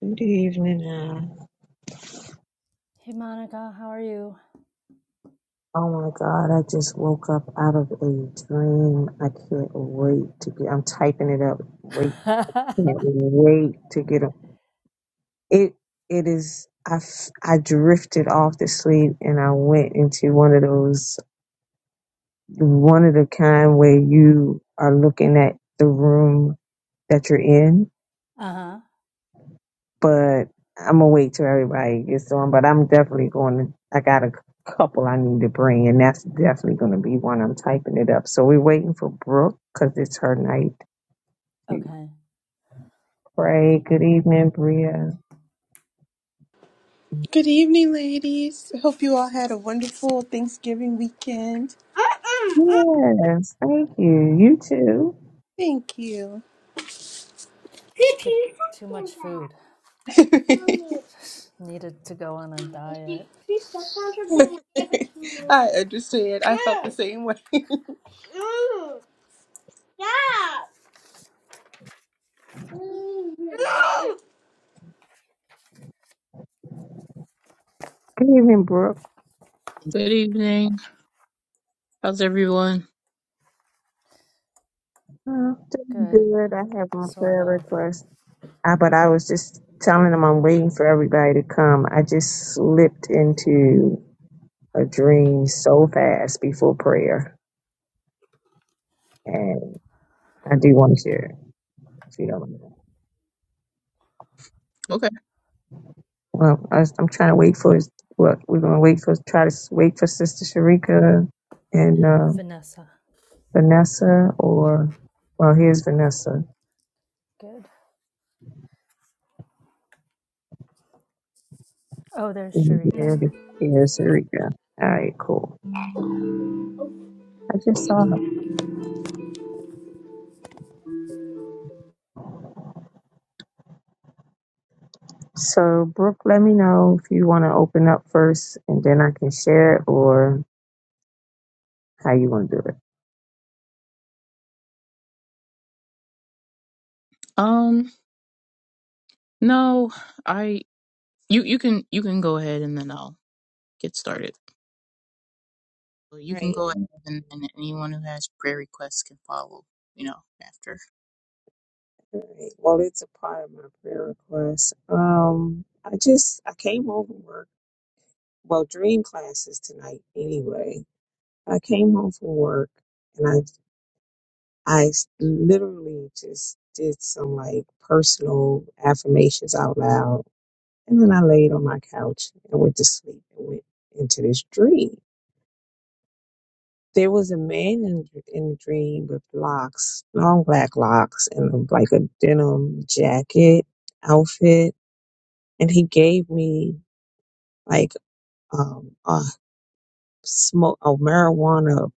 Good evening, Al. Hey Monica, how are you? Oh my God, I just woke up out of a dream. I can't wait to get I'm typing it up. Wait, uh-huh. can't wait to get up. It it is I f- I drifted off to sleep and I went into one of those one of the kind where you are looking at the room that you're in but I'm gonna wait till everybody gets on. But I'm definitely going to. I got a couple I need to bring, and that's definitely going to be one. I'm typing it up. So we're waiting for Brooke because it's her night to Okay. pray. Good evening, Bria. Good evening, ladies. I hope you all had a wonderful Thanksgiving weekend. Yes, thank you. You too. Thank you. It's too too much food. Needed to go on a diet. I understand. I felt the same way. Good evening, Brooke. Good evening. How's everyone? I'm doing Good. good. I have my Sort prayer of. request. I, but I was just telling them I'm waiting for everybody to come. I just slipped into a dream so fast before prayer I do want to share, if you don't mind. Okay. Well, I was, I'm trying to wait for his, what we're going to wait for, try to s- wait for Sister Sharika and And uh, Vanessa. Vanessa, or, well, here's Vanessa. Good. Oh, there's And Sharika. Here, here's Sharika. All right, cool. I just saw her. So, Brooke, let me know if you want to open up first and then I can share it or how you want to do it. Um, no, I you you can you can go ahead and then I'll get started. So you Right. can go ahead and then anyone who has prayer requests can follow, you know, after. right. Well, it's a part of my prayer request. Um, I just, I came over work well dream classes tonight anyway i came home from work and i i literally just did some like personal affirmations out loud and then i laid on my couch and went to sleep and went into this dream there was a man in, in the dream with locks long black locks and um, like a denim jacket outfit and he gave me like um, 100 smoke a marijuana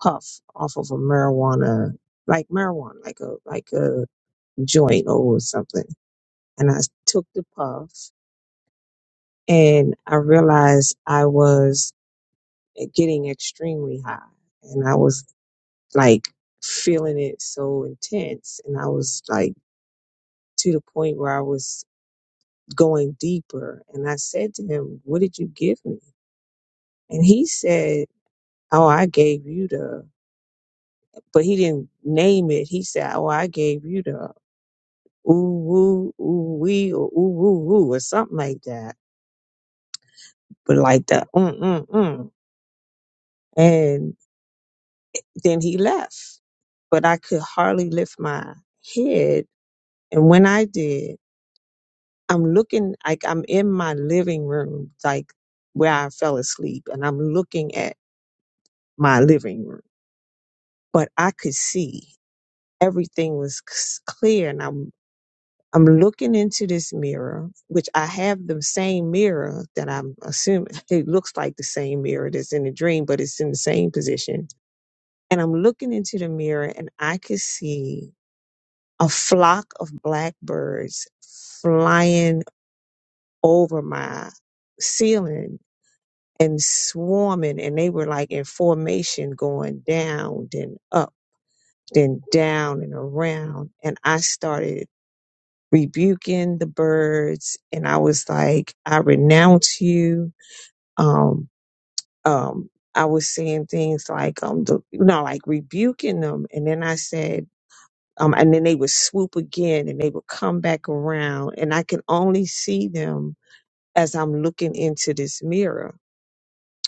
puff off of a marijuana like marijuana like a like a joint or something and i took the puff and i realized i was getting extremely high and i was like feeling it so intense and i was like to the point where i was going deeper and i said to him what did you give me and he said oh i gave you the but he didn't name it. He said, "Oh, I gave you the ooh woo ooh wee or ooh woo woo or something like that." But like the mm mm mm, and then he left. But I could hardly lift my head, and when I did, I'm looking like I'm in my living room, like where I fell asleep, and I'm looking at my living room, but I could see everything was c- clear, and I I'm looking into this mirror, which I have the same mirror that I'm assuming it looks like the same mirror that's in the dream, but it's in the same position. And I'm looking into the mirror and I could see a flock of blackbirds flying over my ceiling and swarming. And they were like in formation going down, then up, then down and around. And I started rebuking the birds and I was like, I renounce you. Um, um, I was saying things like, um, the, you know, like rebuking them. And then I said, um, and then they would swoop again and they would come back around and I can only see them as I'm looking into this mirror.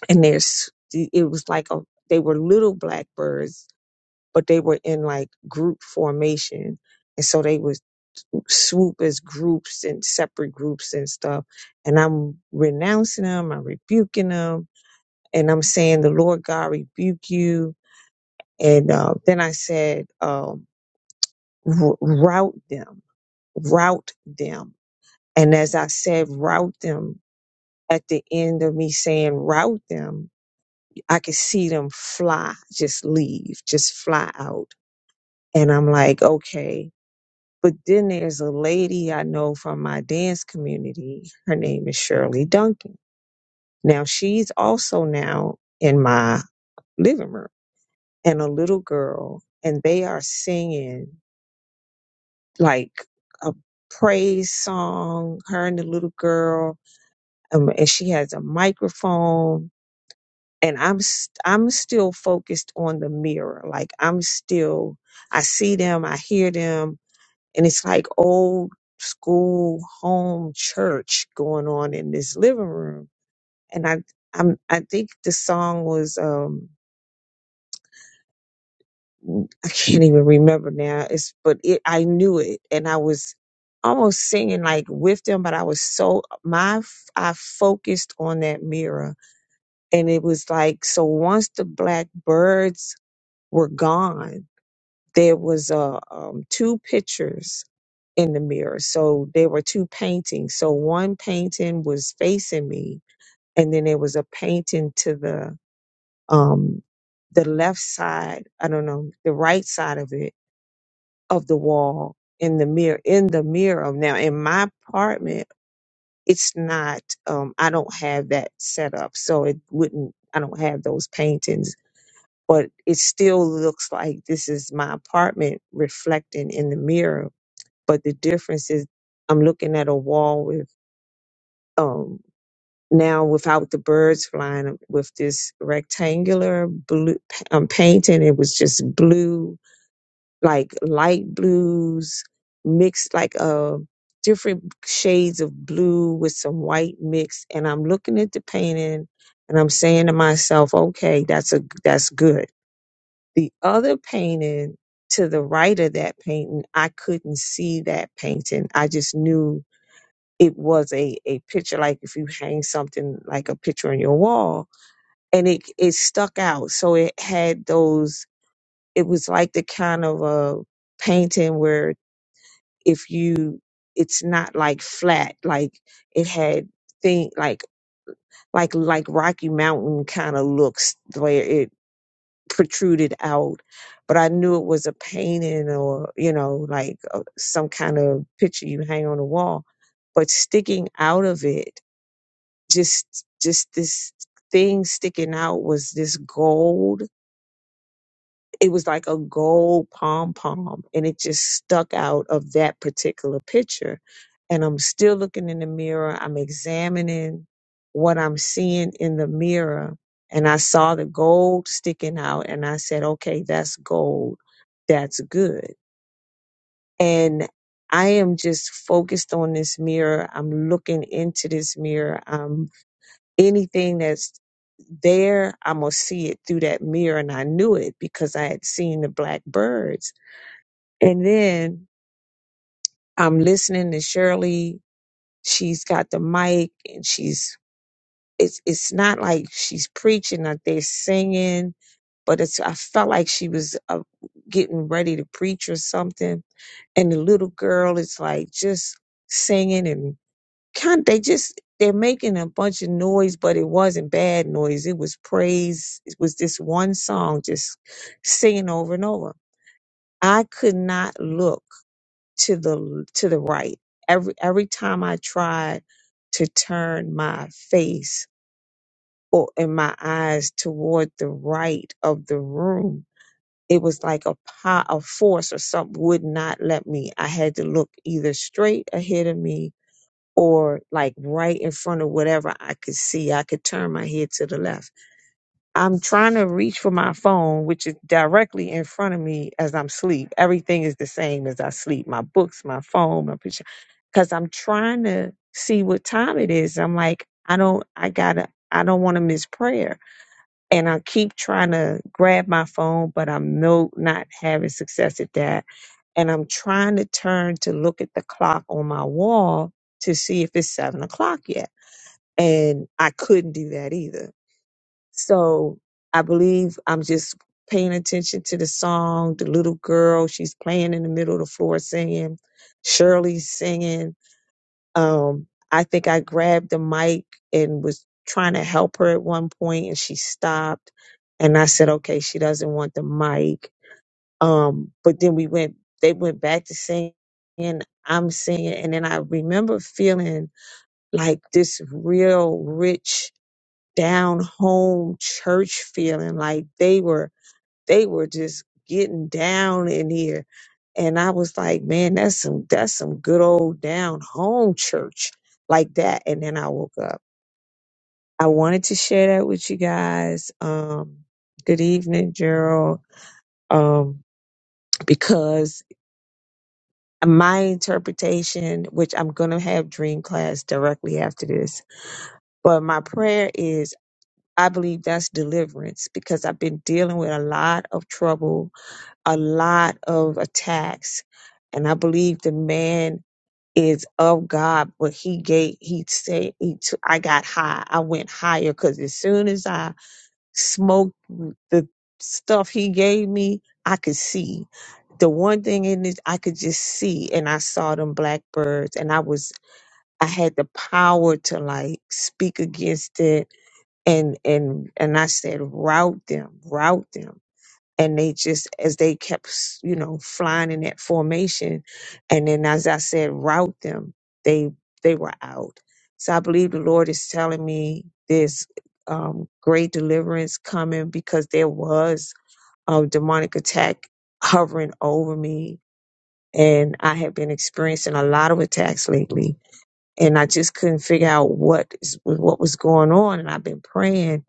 And there's, it was like, a, they were little blackbirds, but they were in like group formation. And so they would swoop as groups and separate groups and stuff. And I'm renouncing them, I'm rebuking them, and I'm saying, The Lord God rebuke you. And uh, then I said, um, r- Route them, route them. And as I said, route them, at the end of me saying, route them, I could see them fly, just leave, just fly out. And I'm like, okay. But then there's a lady I know from my dance community. Her name is Shirley Duncan. Now she's also now in my living room and a little girl and they are singing like a praise song, her and the little girl. Um, and she has a microphone and I'm, i I'm still focused on the mirror. Like I'm still, I see them, I hear them, and it's like old school home church going on in this living room and i i'm i think the song was um i can't even remember now it's but it i knew it and i was almost singing like with them but i was so my f- i focused on that mirror and it was like so once the black birds were gone there was uh, um, two pictures in the mirror so there were two paintings so one painting was facing me and then there was a painting to the um the left side i don't know the right side of it of the wall in the mirror in the mirror now in my apartment it's not um i don't have that set up so it wouldn't i don't have those paintings but it still looks like this is my apartment reflecting in the mirror but the difference is I'm looking at a wall with um now without the birds flying um, with this rectangular blue um, painting it was just blue like light blues mixed like uh different shades of blue with some white mix and I'm looking at the painting and I'm saying to myself okay that's a that's good the other painting to the right of that painting I couldn't see that painting I just knew it was a a picture like if you hang something like a picture on your wall and it it stuck out so it had those it was like the kind of a painting where if you it's not like flat like it had thing like like like rocky mountain kind of looks where it protruded out but i knew it was a painting or you know like uh, some kind of picture you hang on the wall but sticking out of it just just this thing sticking out was this gold it was like a gold pom pom and it just stuck out of that particular picture and i'm still looking in the mirror i'm examining what i'm seeing in the mirror and i saw the gold sticking out and i said okay that's gold that's good and i am just focused on this mirror i'm looking into this mirror I'm anything that's there, I'm going to see it through that mirror. And I knew it because I had seen the black birds. And then I'm listening to Shirley. She's got the mic and she's, it's, it's not like she's preaching, like they're singing, but it's, I felt like she was uh, getting ready to preach or something. And the little girl is like just singing and. kind they just they're making a bunch of noise but it wasn't bad noise it was praise it was this one song just singing over and over i could not look to the to the right every every time i tried to turn my face or in my eyes toward the right of the room it was like a pot a force or something would not let me i had to look either straight ahead of me or like right in front of whatever I could see. I could turn my head to the left. I'm trying to reach for my phone, which is directly in front of me as I'm asleep. Everything is the same as I sleep my books, my phone, my picture. Because I'm trying to see what time it is. I'm like, I don't, I gotta, I don't want to miss prayer. And I keep trying to grab my phone, but I'm no, not having success at that and I'm trying to turn to look at the clock on my wall to see if it's seven o'clock yet. And I couldn't do that either. So I believe I'm just paying attention to the song, the little girl, she's playing in the middle of the floor singing, Shirley's singing. Um, I think I grabbed the mic and was trying to help her at one point and she stopped. And I said, okay, she doesn't want the mic. Um, but then we went, they went back to singing, I'm singing. And then I remember feeling like this real rich down home church feeling like they were, they were just getting down in here. And I was like, man, that's some, that's some good old down home church like that. And then I woke up. I wanted to share that with you guys. Um, good evening, Gerald. Um, because my interpretation, which I'm going to have dream class directly after this, but my prayer is I believe that's deliverance because I've been dealing with a lot of trouble, a lot of attacks, and I believe the man is of God, but he gave, he said, he took, I got high. I went higher because as soon as I smoke mm, the stuff he gave me i could see the one thing in it i could just see and i saw them blackbirds and i was i had the power to like speak against it and and and i said route them route them and they just as they kept you know flying in that formation and then as i said route them they they were out so i believe the lord is telling me this um, great deliverance coming because there was a demonic attack hovering over me and i have been experiencing a lot of attacks lately and i just couldn't figure out what is what was going on and i've been praying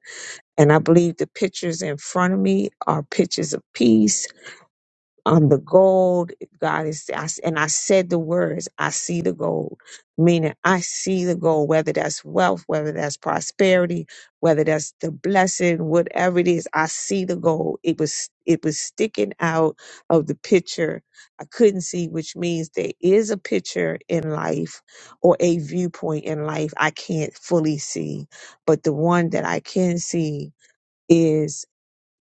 and i believe the pictures in front of me are pictures of peace um, the gold, God is, I s and I said the words, I see the gold, meaning I see the gold, whether that's wealth, whether that's prosperity, whether that's the blessing, whatever it is, I see the gold. It was, it was sticking out of the picture. I couldn't see, which means there is a picture in life or a viewpoint in life I can't fully see, but the one that I can see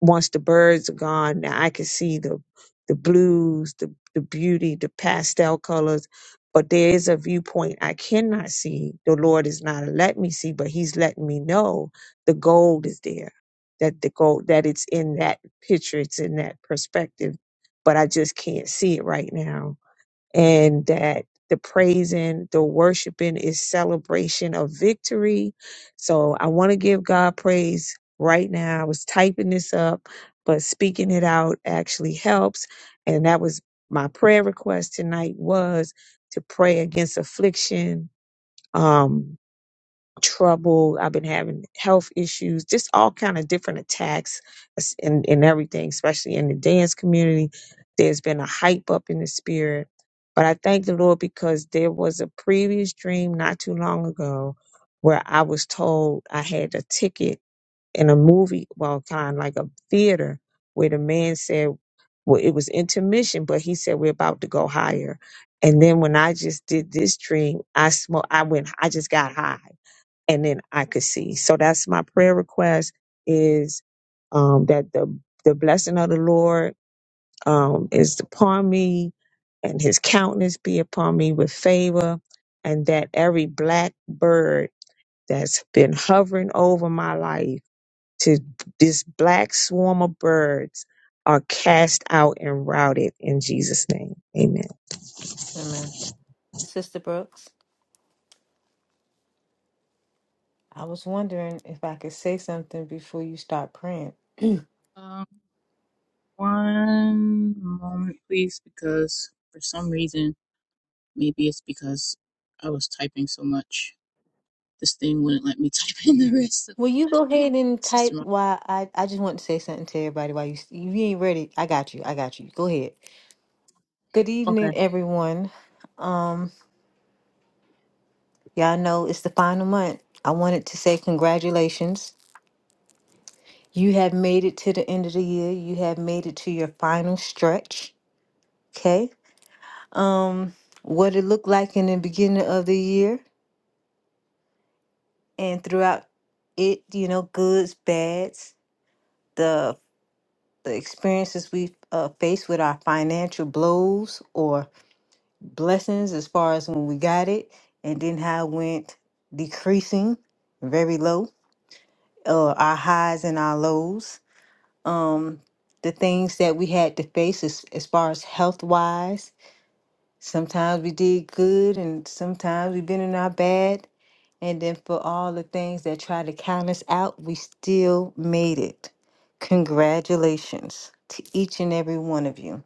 once the birds are gone, now I can see the the blues, the the beauty, the pastel colors. But there is a viewpoint I cannot see. The Lord is not let me see, but He's letting me know the gold is there. That the gold that it's in that picture, it's in that perspective, but I just can't see it right now and that the praising, the worshiping is celebration of victory. So I want to give God praise right now. I was typing this up, but speaking it out actually helps. And that was my prayer request tonight was to pray against affliction. Um, trouble. I've been having health issues, just all kind of different attacks as- and, and everything, especially in the dance community. There's been a hype up in the spirit. But I thank the Lord because there was a previous dream not too long ago where I was told I had a ticket in a movie, well, kind of like a theater, where the man said, well, it was intermission, but he said, we're about to go higher. And then when I just did this dream, I smoke, I went, I just got high and then I could see. So that's my prayer request is um, that the the blessing of the Lord um, is upon me, and His countenance be upon me with favor, and that every black bird that's been hovering over my life to this black swarm of birds are cast out and routed in Jesus' name. Amen. Amen. Sister Brooks. I was wondering if I could say something before you start praying. Um, one moment please because for some reason, maybe it's because I was typing so much, this thing wouldn't let me type in the rest of Will you go ahead and Sister. type Mo- why I, I just want to say something to everybody while you you ain't ready. I got you. I got you. Go ahead. Good Okay. evening, everyone. Um y'all know it's the final month. I wanted to say congratulations. You have made it to the end of the year. You have made it to your final stretch. Okay? Um what it looked like in the beginning of the year and throughout it, you know, goods, bads, the the experiences we uh, faced with our financial blows or blessings, as far as when we got it, and then how it went decreasing, very low, uh, our highs and our lows, um, the things that we had to face as, as far as health wise. Sometimes we did good, and sometimes we've been in our bad And then for all the things that try to count us out, we still made it. Congratulations to each and every one of you.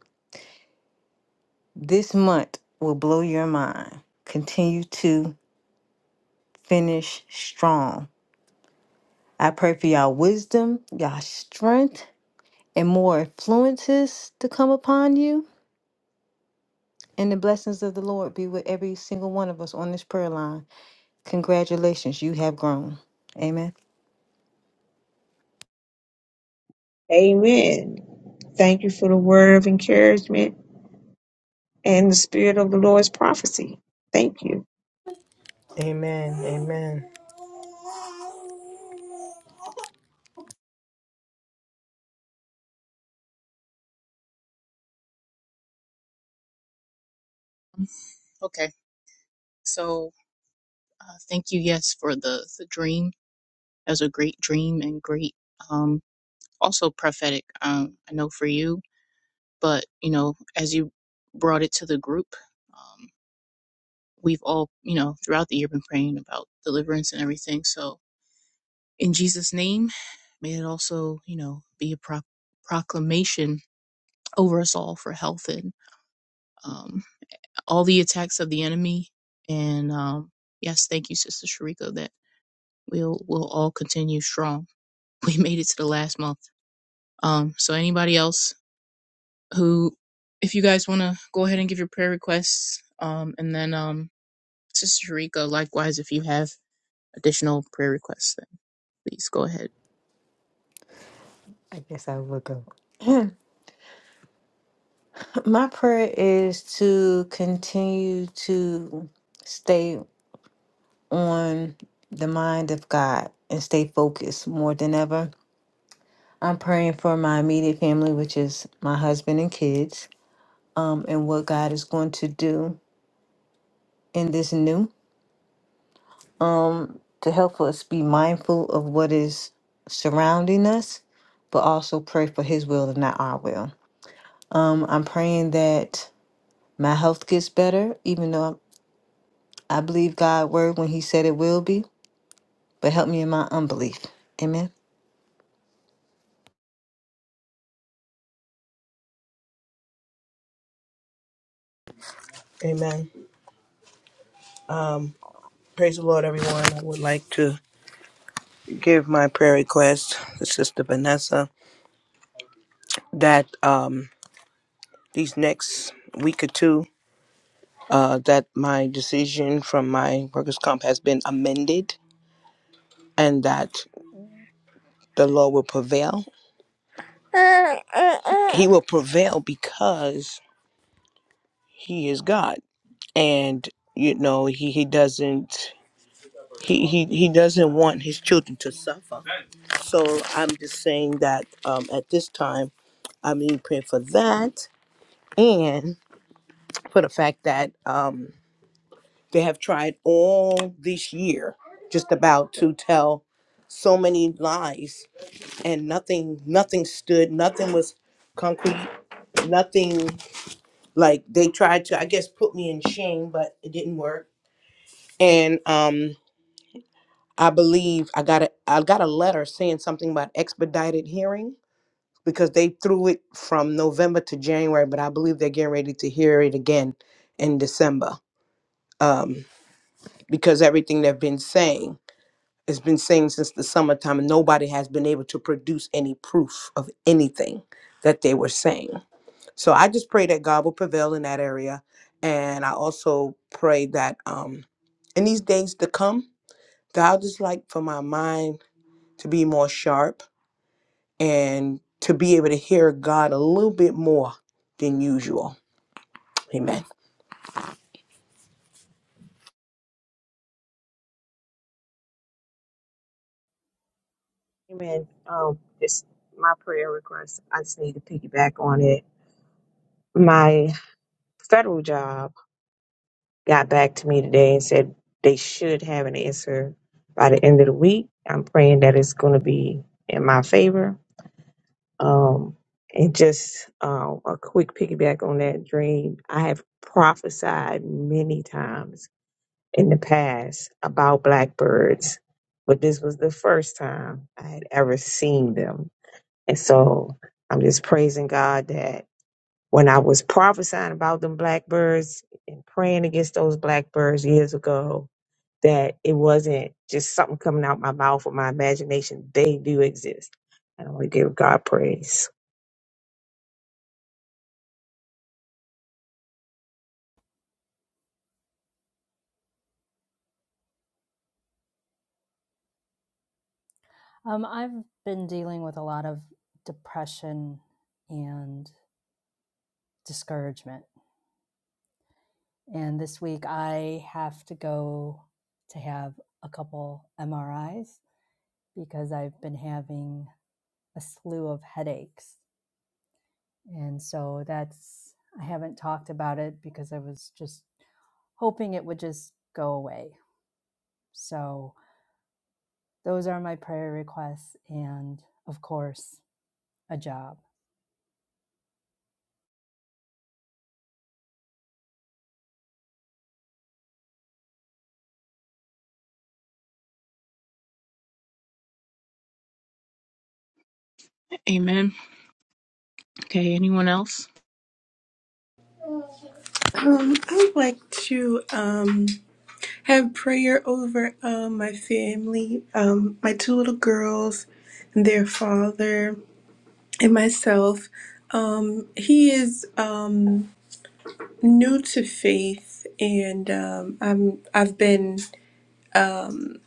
This month will blow your mind. Continue to finish strong. I pray for y'all wisdom, y'all strength, and more influences to come upon you. And the blessings of the Lord be with every single one of us on this prayer line. Congratulations, you have grown. Amen. Amen. Thank you for the word of encouragement. And the Spirit of the Lord is prophecy. Thank you. Okay. So, uh, thank you yes for the the dream as a great dream and great um also prophetic um i know for you but you know as you brought it to the group um we've all you know throughout the year been praying about deliverance and everything so in jesus name may it also you know be a pro- proclamation over us all for health and um all the attacks of the enemy and um yes thank you sister sharika that we'll we'll all continue strong we made it to the last month um so anybody else who, if you guys want to go ahead and give your prayer requests, um, and then um, Sister Sharika, likewise, if you have additional prayer requests, then please go ahead. Yes, I will go. My prayer is to continue to stay on the mind of God and stay focused more than ever. I'm praying for my immediate family, which is my husband and kids, um, and what God is going to do in this new to help us be mindful of what is surrounding us, but also pray for His will and not our will. Um, I'm praying that my health gets better, even though I believe God' word when He said it will be. but help me in my unbelief. Amen. Amen. Um, it's my prayer request. I just need to piggyback on it. My federal job got back to me today and said they should have an answer by the end of the week. I'm praying that it's going to be in my favor. Um, and just uh, a quick piggyback on that dream, I have prophesied many times in the past about blackbirds, but this was the first time I had ever seen them. And so I'm just praising God that when I was prophesying about them blackbirds and praying against those blackbirds years ago, that it wasn't just something coming out my mouth or my imagination. They do exist. And I want to give God praise. Um, I've been dealing with a lot of depression and discouragement. And this week I have to go to have a couple MRIs because I've been having a slew of headaches And so that's, I haven't talked about it because I was just hoping it would just go away. So those are my prayer requests. And of course, a job. Amen. Okay, anyone else? Um, I would like to um have prayer over um my family, um my two little girls and their father. and myself. Um, he is um, new to faith, and um, I'm I've been um,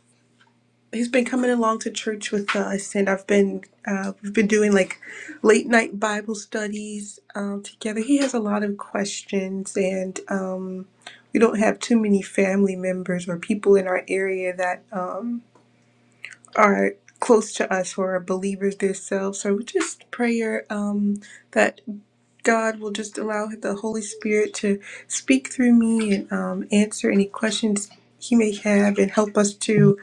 he's been coming along to church with us, and I've been uh, we've been doing like late night Bible studies um, together. He has a lot of questions, and um, we don't have too many family members or people in our area that um, are close to us who are believers themselves. So we just prayer um, that. God will just allow the Holy Spirit to speak through me and um, answer any questions He may have and help us to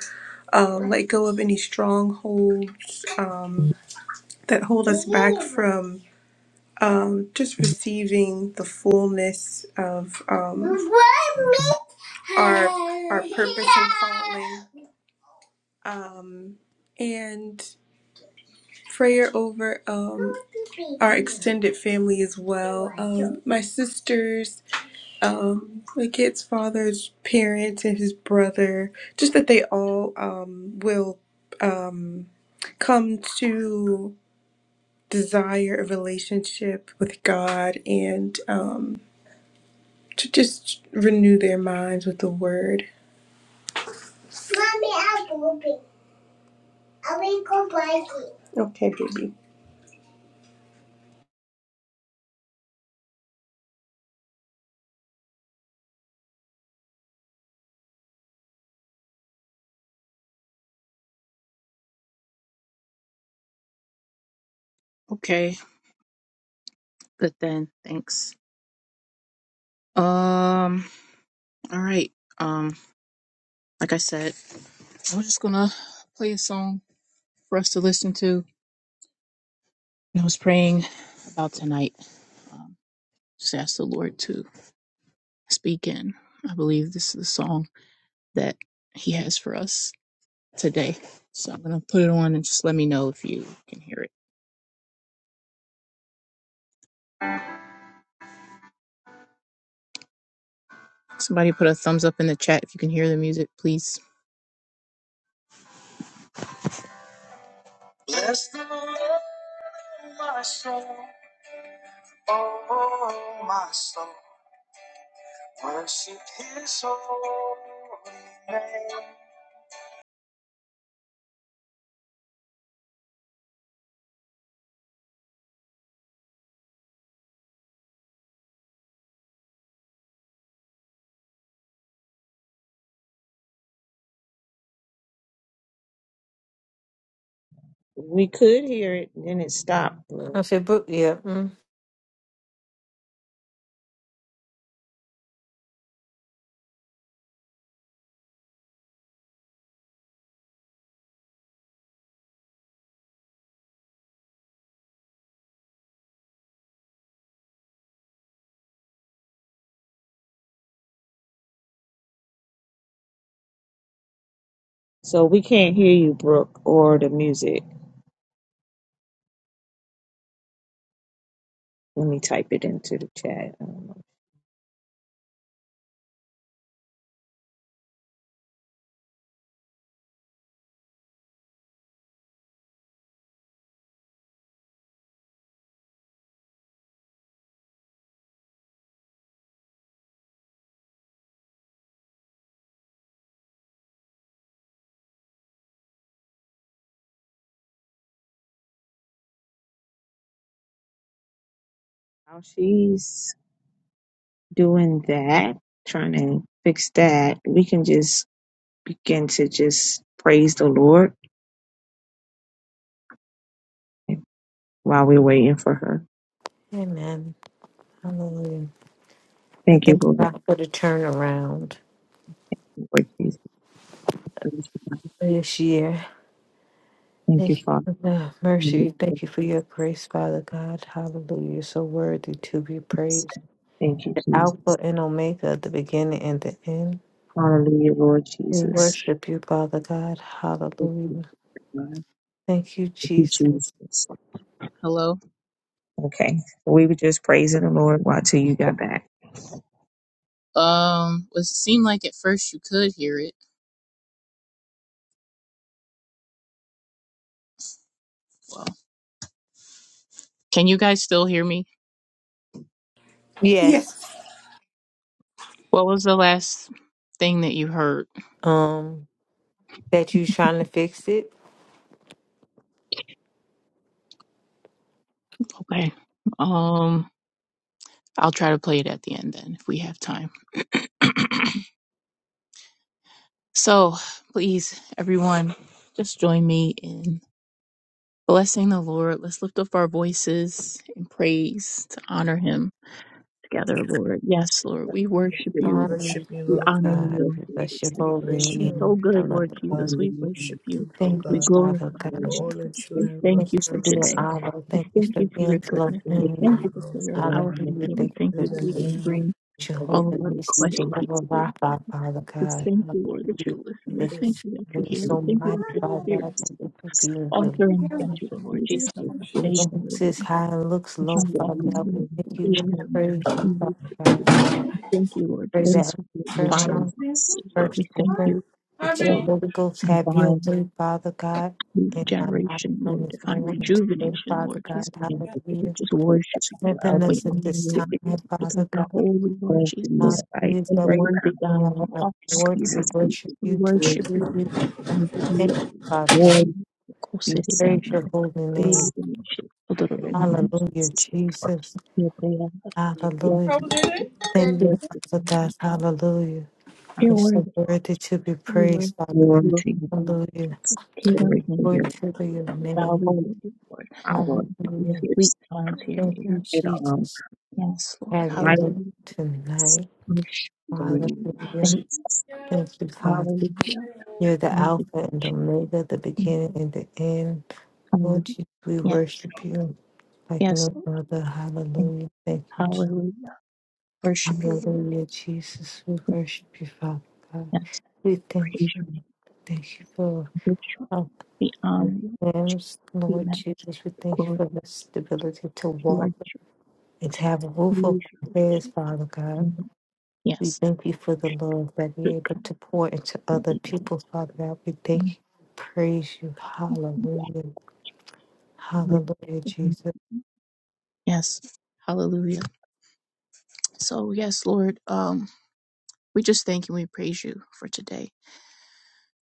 uh, let go of any strongholds um, that hold us back from um, just receiving the fullness of um, our, our purpose and calling. Um, and prayer over um, our extended family as well. Um, my sisters um the kid's father's parents and his brother just that they all um will um come to desire a relationship with God and um to just renew their minds with the word. Mommy, I'm pooping. I will go biking. Okay, baby. Okay, good then. Thanks. Um, all right. Um, like I said, I'm just gonna play a song for us to listen to. I was praying about tonight. Um, just ask the Lord to speak in. I believe this is the song that He has for us. today. So I'm gonna put it on and just let me know if you can hear it. Somebody put a thumbs up in the chat if you can hear the music, please. Bless the Lord, my soul, oh my soul, worship His holy name. We could hear it, and then it stopped, Brooke. If it book, yeah. Mm. So we can't hear you, Brooke, or the music. Let me type it into the chat. I don't know. While she's doing that, trying to fix that, we can just begin to just praise the Lord while we're waiting for her. Amen. Hallelujah. I Thank you, thank Lord, God for the turnaround for Jesus. Praise you, God. for this year. Thank you, Thank you Father. for the mercy. Hallelujah, Thank you Lord for your grace, Father God. Hallelujah. You're so worthy to be Jesus. praised. Thank you, The Jesus. Alpha and Omega, the beginning and the end. Hallelujah, Lord We Jesus. worship you, Father God. Thank you, Hallelujah. God. Thank Thank you, you, Jesus. Jesus. Hello. Okay. We were just praising the Lord while till you got back. Um, well, it seemed like at first you could hear it. Well, can you guys still hear me? Yeah. Yes. What was the last thing that you heard? Um, that you trying to fix it. Okay. Um, I'll try to play it at the end then if we have time. So, please, everyone, just join me in blessing the Lord. Let's lift up our voices in praise to honor Him together, Lord. Yes, Lord, we worship you. We honor God, you. we bless your holy You're so name. good, Lord Jesus. Hallelujah. We worship you. Thank We you, Father glorify you. God. We thank Thank you you for for being today. Abba. We Thank you thank for you for your being goodness. We Elohim. thank you for your, our Hallelujah. Father. We Thank you thank for you that being we can bring all of Jehovah our Nissi, requests to Jehovah you. Rapha, Father We God. thank you, Lord, that you Hallelujah. listen. We Thank you thank for you that you being hear. We so thank you mighty, that your Father spirit God. is Thank the you for being the author and finisher, Lord Jesus, of our faith, one who Lord. sits And high and looks your low, walk Father in God. We you, thank Lord you. Jesus. We praise We you, Father worship you. God. Thank you, Lord Pray Jesus, that prayer for fire. line Lord. first We thank open. you That your for Holy Ghost have your divine way, Father God, in my life generation, from Lord, this divine moment until then, rejuvenation, Father Lord God. Jesus. Hallelujah. Just worship you. Strengthen We us honor at this you, Lord, time, Jesus, because Father you're God. holy, Lord Jesus. Hallelujah. You're That we worthy, can God. want You're to awesome, accord to Jesus, God. we worship thank you We you, to for worship serve you. you. We We praise the thank you, you. Father Thank God. Lord, you, we sing We this Koseria, praise your holy name. in the name Revelation, Odororo, Hallelujah, Jesus. Jesus. Yebrea. We give you Yes, Hallelujah. Thank we worship you, Father you, God. Lord. Hallelujah. You're It's worthy, so Lord. worthy to be We worship praised, Father you, Lord. We glory God. to worship you, you, Lord Hallelujah. Jesus. King of glory for kings, Glory your to your bow name. holy before you, Lord. power, Your Hallelujah. sweet gifts sound to your Thank ear. you, in our Jesus. Yes, Lord. Have your lives. look Hallelujah. tonight. Worship. Amen. Hallelujah. Thank you. Jesus. Thank you, Father. Hallelujah. You're the Worship. Alpha you, and Omega, the Jesus. beginning and the end. Hallelujah. Lord Jesus, we Yeah. worship you like Yes, no Lord. other. Thank Hallelujah. Thank you, you. Jesus. Hallelujah. Worship you, Lord. Hallelujah, Jesus. We worship you, Father God. Yes. We thank Praise you. you. We Thank you for worship, our we honor you, guidance, we Lord Jesus. We thank you magnify for the stability to you are walk. and to have a roof truly, over our usually heads, Father God. We yes, thank you for the love that it we're able can to pour into other be people, Father God. We thank you, praise you. Hallelujah. with Hallelujah, him. Jesus. yes, hallelujah. So yes, Lord, um, we just thank you, and we praise you for today.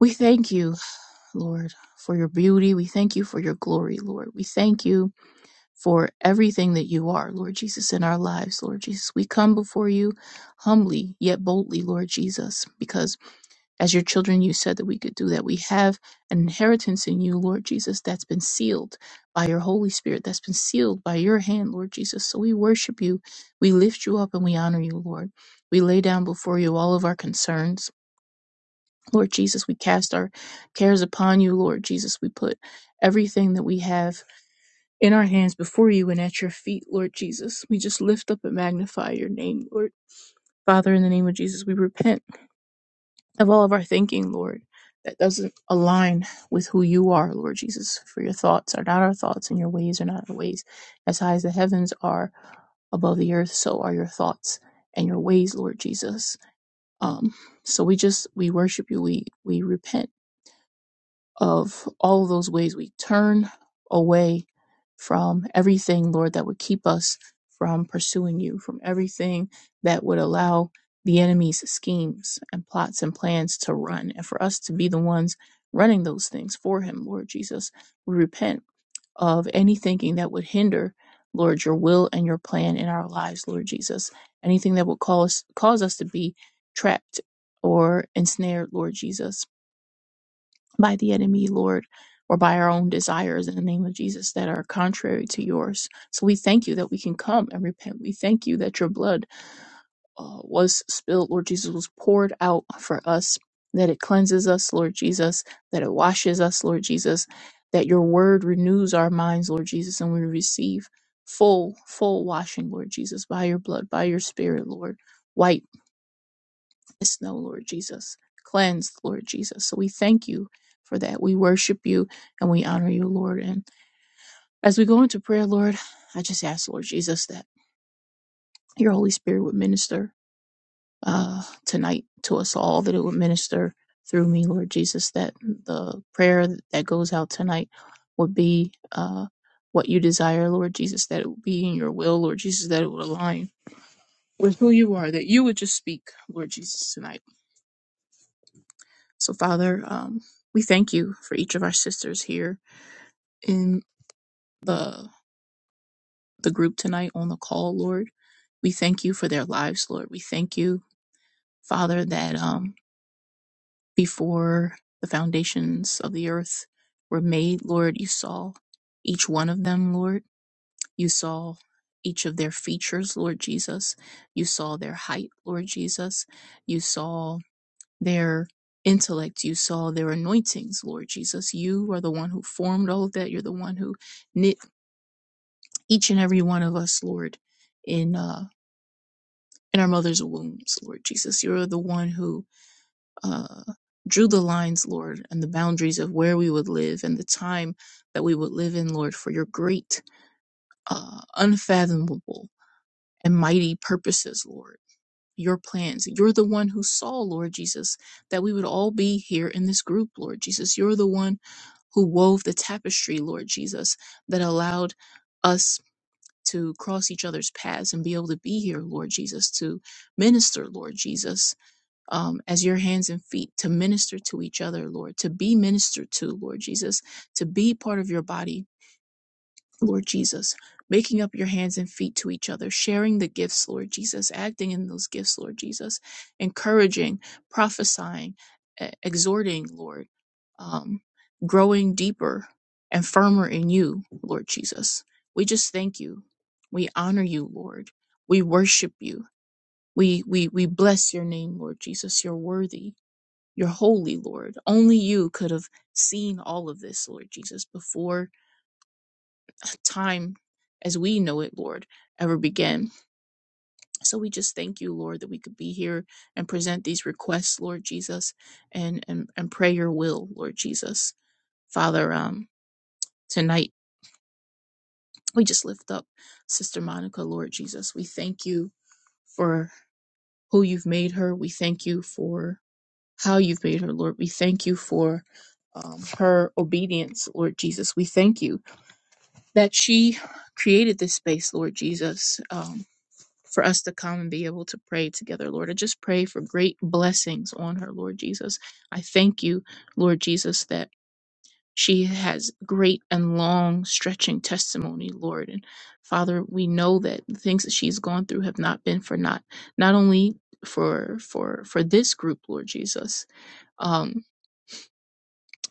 We thank you, Lord, for your beauty. We thank you for your glory, Lord. We thank you for everything that you are, Lord Jesus, in our lives, Lord Jesus. We come before you humbly yet boldly, Lord Jesus, because as your children, you said that we could do that. We have an inheritance in you, Lord Jesus, that's been sealed by your Holy Spirit, that's been sealed by your hand, Lord Jesus. So we worship you, we lift you up, and we honor you, Lord. We lay down before you all of our concerns. Lord Jesus, we cast our cares upon you, Lord Jesus. We put everything that we have in our hands before you and at your feet, Lord Jesus. We just lift up and magnify your name, Lord. Father, in the name of Jesus, we repent of all of our thinking, Lord, that doesn't align with who you are, Lord Jesus. For your thoughts are not our thoughts, and your ways are not our ways. As high as the heavens are above the earth, so are your thoughts and your ways, Lord Jesus. Um, so we just we worship you. We we repent of all of those ways we turn away from everything, Lord, that would keep us from pursuing you, from everything that would allow the enemy's schemes and plots and plans to run, and for us to be the ones running those things for him, Lord Jesus. We repent of any thinking that would hinder. Lord, your will and your plan in our lives, Lord Jesus. Anything that would cause cause us to be trapped or ensnared, Lord Jesus by the enemy, Lord, or by our own desires in the name of Jesus that are contrary to yours. So we thank you that we can come and repent. We thank you that your blood uh, was spilled, Lord Jesus, was poured out for us, that it cleanses us, Lord Jesus, that it washes us, Lord Jesus, that your word renews our minds, Lord Jesus, and we receive full, full washing, Lord Jesus, by your blood, by your spirit, Lord miss no, Lord Jesus. Cleanse, Lord Jesus. So we thank you for that. We worship you and we honor you, Lord. And as we go into prayer, Lord, I just ask, Lord Jesus, that your Holy Spirit would minister uh, tonight to us all, that it would minister through me, Lord Jesus, that the prayer that goes out tonight would be uh, what you desire, Lord Jesus, that it would be in your will, Lord Jesus, that it would align with who you are, that you would just speak, Lord Jesus, tonight So, Father, um, we thank you for each of our sisters here in the the group tonight on the call, Lord. We thank you for their lives, Lord. We thank you, Father, that um, before the foundations of the earth were made, Lord, you saw each one of them, Lord. You saw each of their features, Lord Jesus. You saw their height, Lord Jesus. You saw their intellect. You saw their anointings, Lord Jesus. You are the one who formed all of that. You're the one who knit each and every one of us, Lord, in uh, in our mother's wombs, Lord Jesus. You're the one who uh, drew the lines, Lord, and the boundaries of where we would live and the time that we would live in, Lord, for your great, uh, unfathomable and mighty purposes, Lord. your plans. You're the one who saw, Lord Jesus, that we would all be here in this group, Lord Jesus. You're the one who wove the tapestry, Lord Jesus, that allowed us to cross each other's paths and be able to be here, Lord Jesus, to minister, Lord Jesus, um, as your hands and feet, to minister to each other, Lord, to be ministered to, Lord Jesus, to be part of your body, Lord Jesus, making up your hands and feet to each other, sharing the gifts, Lord Jesus, acting in those gifts, Lord Jesus, encouraging, prophesying, e- exhorting, Lord, um, growing deeper and firmer in you, Lord Jesus. We just thank you. We honor you, Lord. We worship you. We, we, we bless your name, Lord Jesus. You're worthy. You're holy, Lord. Only you could have seen all of this, Lord Jesus, before time as we know it, Lord, ever began. So we just thank you, Lord, that we could be here and present these requests, Lord Jesus, and and, and pray your will, Lord Jesus. Father, um, tonight we just lift up Sister Monica, Lord Jesus. We thank you for who you've made her. We thank you for how you've made her, Lord. We thank you for um, her obedience, Lord Jesus. We thank you that she created this space, Lord Jesus. Um, for us to come and be able to pray together, Lord. I just pray for great blessings on her, Lord Jesus. I thank you, Lord Jesus, that she has great and long stretching testimony, Lord. And Father, we know that the things that she's gone through have not been for naught, not only for for for this group, Lord Jesus. um,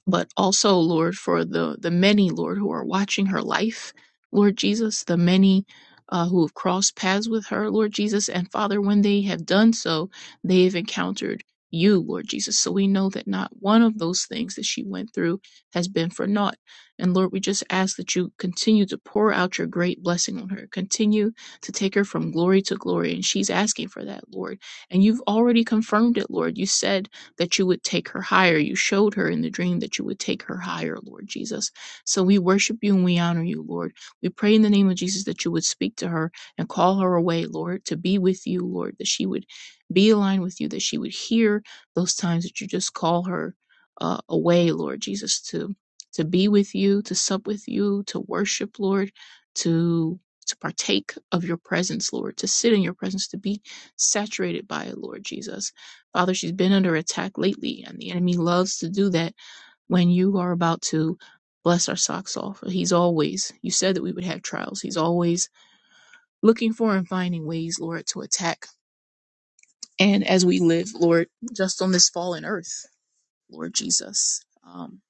but also, Lord, for the, the many, Lord, who are watching her life, Lord Jesus, the many uh, who have crossed paths with her, Lord Jesus. And Father, when they have done so, they have encountered you, Lord Jesus. So we know that not one of those things that she went through has been for naught. And Lord, we just ask that you continue to pour out your great blessing on her, continue to take her from glory to glory. And she's asking for that, Lord. And you've already confirmed it, Lord. You said, that you would take her higher. You showed her in the dream that you would take her higher, Lord Jesus. So we worship you and we honor you, Lord. We pray in the name of Jesus that you would speak to her and call her away, Lord, to be with you, Lord, that she would be aligned with you, that she would hear those times that you just call her uh, away, Lord Jesus, to to be with you, to sup with you, to worship, Lord, to to partake of your presence, Lord, to sit in your presence, to be saturated by it, Lord Jesus. Father, she's been under attack lately, and the enemy loves to do that when you are about to bless our socks off. He's always, you said that we would have trials. He's always looking for and finding ways, Lord, to attack. And as we live, Lord, just on this fallen earth, Lord Jesus, um,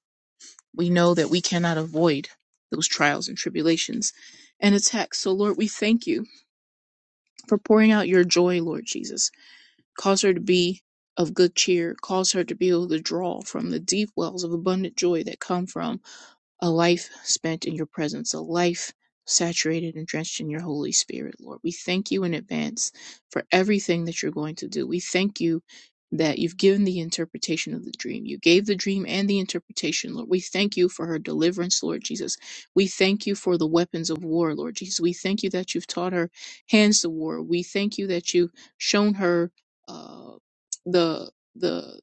we know that we cannot avoid those trials and tribulations and attacks. So, Lord, we thank you for pouring out your joy, Lord Jesus Cause her to be of good cheer. Cause her to be able to draw from the deep wells of abundant joy that come from a life spent in your presence, a life saturated and drenched in your Holy Spirit, Lord. We thank you in advance for everything that you're going to do. We thank you that you've given the interpretation of the dream. You gave the dream and the interpretation, Lord. We thank you for her deliverance, Lord Jesus. We thank you for the weapons of war, Lord Jesus. We thank you that you've taught her hands to war. We thank you that you've shown her uh, the the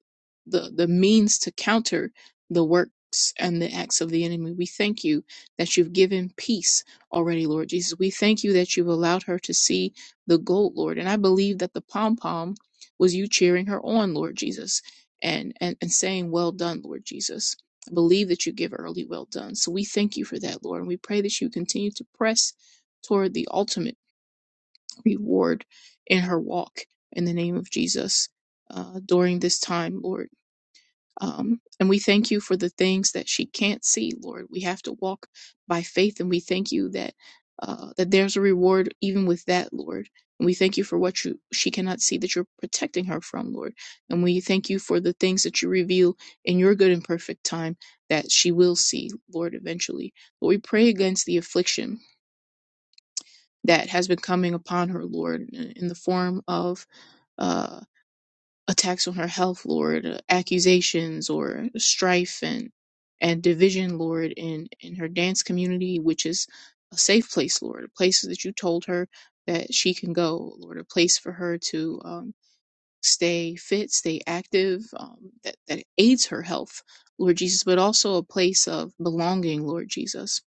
the the means to counter the works and the acts of the enemy. We thank you that you've given peace already, Lord Jesus. We thank you that you've allowed her to see the gold, Lord. And I believe that the pom pom was you cheering her on, Lord Jesus, and, and, and saying, Well done, Lord Jesus. I believe that you give early well done. So we thank you for that, Lord. And we pray that you continue to press toward the ultimate reward in her walk in the name of Jesus uh, during this time, Lord. Um, and we thank you for the things that she can't see, Lord. We have to walk by faith, and we thank you that uh, that there's a reward even with that, Lord. And we thank you for what you, she cannot see that you're protecting her from, Lord. And we thank you for the things that you reveal in your good and perfect time that she will see, Lord, eventually. But we pray against the affliction that has been coming upon her, Lord, in in the form of Uh, attacks on her health, Lord, accusations or strife and and division, Lord, in in her dance community, which is a safe place, Lord, a place that you told her that she can go, Lord, a place for her to um, stay fit, stay active, um, that that aids her health, Lord Jesus, but also a place of belonging, Lord Jesus,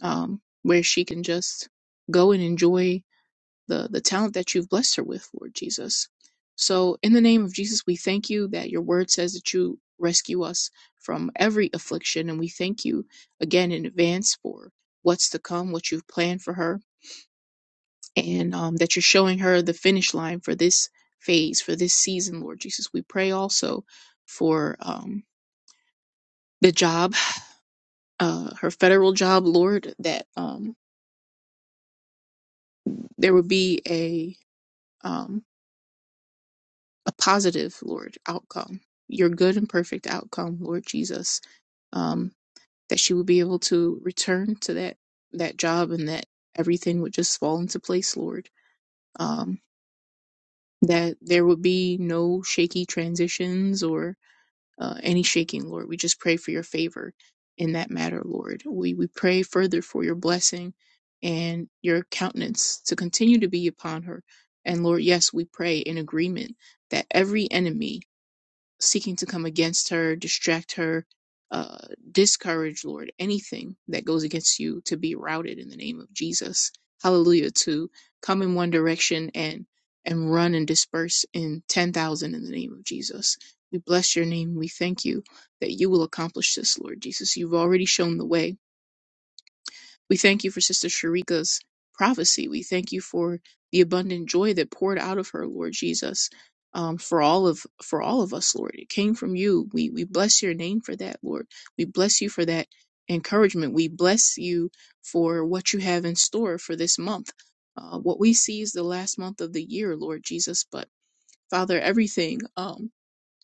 um, where she can just go and enjoy the the talent that you've blessed her with, Lord Jesus. So in the name of Jesus, we thank you that your word says that you rescue us from every affliction, and we thank you again in advance for what's to come, what you've planned for her, and um, that you're showing her the finish line for this phase, for this season, Lord Jesus. We pray also for um, the job, uh, her federal job, Lord, that um, there would be a um, a positive, Lord, outcome, your good and perfect outcome, Lord Jesus, um, that she would be able to return to that that job and that everything would just fall into place, Lord. Um, that there would be no shaky transitions or uh, any shaking, Lord. We just pray for your favor in that matter, Lord. We we pray further for your blessing and your countenance to continue to be upon her. And Lord, yes, we pray in agreement that every enemy seeking to come against her, distract her, uh, discourage, Lord, anything that goes against you to be routed in the name of Jesus. Hallelujah. To come in one direction and and run and disperse in 10,000 in the name of Jesus. We bless your name. We thank you that you will accomplish this, Lord Jesus. You've already shown the way we thank you for Sister Sharika's prophecy. We thank you for the abundant joy that poured out of her, Lord Jesus, um, for all of for all of us, Lord. It came from you. We we bless your name for that, Lord. We bless you for that encouragement. We bless you for what you have in store for this month. Uh, what we see is the last month of the year, Lord Jesus, but Father, everything um,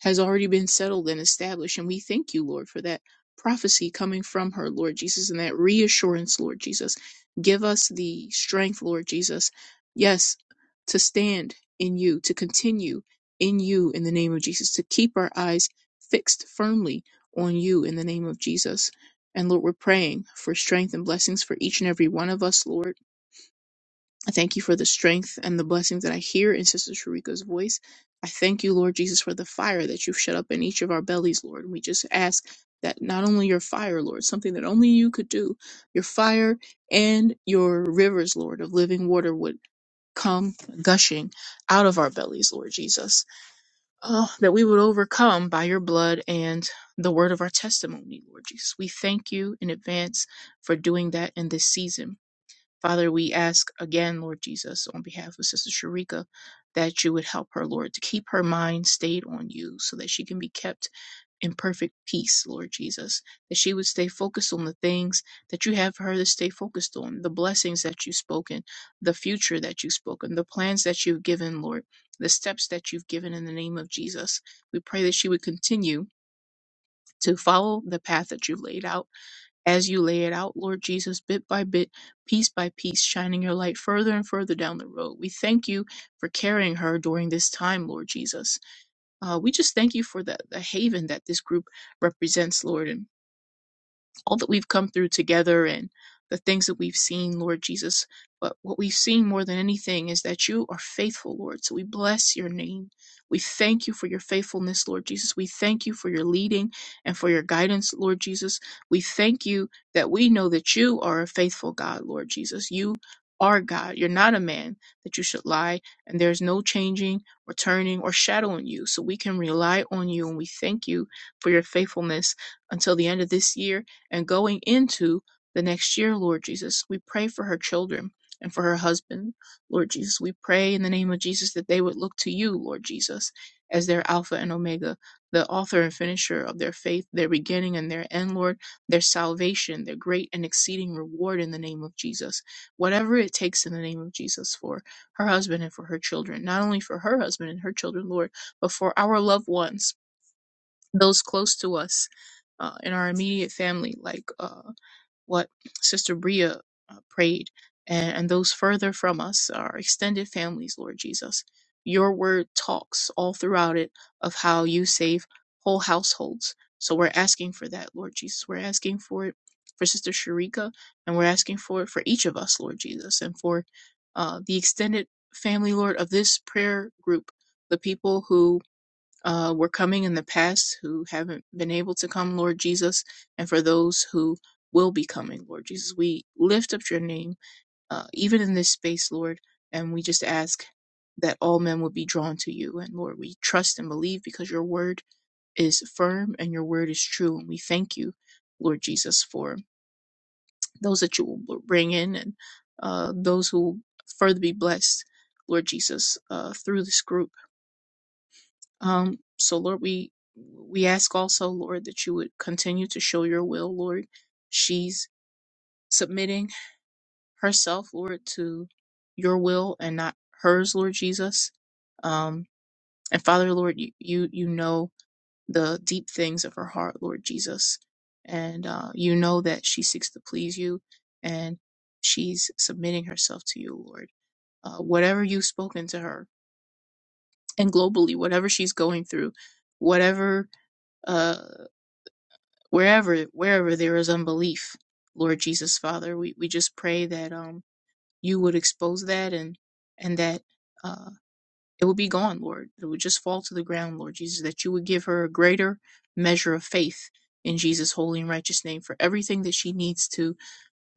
has already been settled and established. And we thank you, Lord, for that prophecy coming from her, Lord Jesus, and that reassurance, Lord Jesus. Give us the strength, Lord Jesus, yes, to stand in you, to continue in you in the name of Jesus, to keep our eyes fixed firmly on you in the name of Jesus. And Lord, we're praying for strength and blessings for each and every one of us, Lord. I thank you for the strength and the blessings that I hear in Sister Sharika's voice. I thank you, Lord Jesus, for the fire that you've shut up in each of our bellies, Lord. And we just ask that not only your fire, Lord, something that only you could do, your fire and your rivers, Lord, of living water would come gushing out of our bellies, Lord Jesus. Oh, that we would overcome by your blood and the word of our testimony, Lord Jesus. We thank you in advance for doing that in this season. Father, we ask again, Lord Jesus, on behalf of Sister Sharika, that you would help her, Lord, to keep her mind stayed on you so that she can be kept in perfect peace, Lord Jesus. That she would stay focused on the things that you have for her to stay focused on, the blessings that you've spoken, the future that you've spoken, the plans that you've given, Lord, the steps that you've given in the name of Jesus. We pray that she would continue to follow the path that you've laid out as you lay it out, Lord Jesus, bit by bit, piece by piece, shining your light further and further down the road. We thank you for carrying her during this time, Lord Jesus. Uh, we just thank you for the, the haven that this group represents, Lord. and all that we've come through together and the things that we've seen, Lord Jesus. But what we've seen more than anything is that you are faithful, Lord. So we bless your name. We thank you for your faithfulness, Lord Jesus. We thank you for your leading and for your guidance, Lord Jesus. We thank you that we know that you are a faithful God, Lord Jesus. You are God. You're not a man that you should lie, and there's no changing or turning or shadowing you. So we can rely on you, and we thank you for your faithfulness until the end of this year and going into the next year, Lord Jesus, we pray for her children and for her husband, Lord Jesus. We pray in the name of Jesus that they would look to you, Lord Jesus, as their Alpha and Omega, the author and finisher of their faith, their beginning and their end, Lord, their salvation, their great and exceeding reward in the name of Jesus. Whatever it takes in the name of Jesus for her husband and for her children, not only for her husband and her children, Lord, but for our loved ones, those close to us, uh, in our immediate family, like. Uh, what Sister Bria uh, prayed, and, and those further from us, our extended families, Lord Jesus. Your word talks all throughout it of how you save whole households. So we're asking for that, Lord Jesus. We're asking for it for Sister Sharika, and we're asking for it for each of us, Lord Jesus, and for uh, the extended family, Lord, of this prayer group, the people who uh, were coming in the past who haven't been able to come, Lord Jesus, and for those who will be coming, Lord Jesus. We lift up your name, uh, even in this space, Lord, and we just ask that all men would be drawn to you. And Lord, we trust and believe because your word is firm and your word is true. And we thank you, Lord Jesus, for those that you will bring in and uh, those who will further be blessed, Lord Jesus, uh, through this group. Um, so Lord, we we ask also, Lord, that you would continue to show your will, Lord. She's submitting herself, Lord, to your will and not hers, Lord Jesus. Um, and Father, Lord, you you, you know the deep things of her heart, Lord Jesus, and uh, you know that she seeks to please you, and she's submitting herself to you, Lord. Uh, whatever you've spoken to her, and globally, whatever she's going through, whatever. uh, wherever wherever there is unbelief lord jesus father we, we just pray that um you would expose that and and that uh it would be gone lord it would just fall to the ground lord jesus that you would give her a greater measure of faith in jesus holy and righteous name for everything that she needs to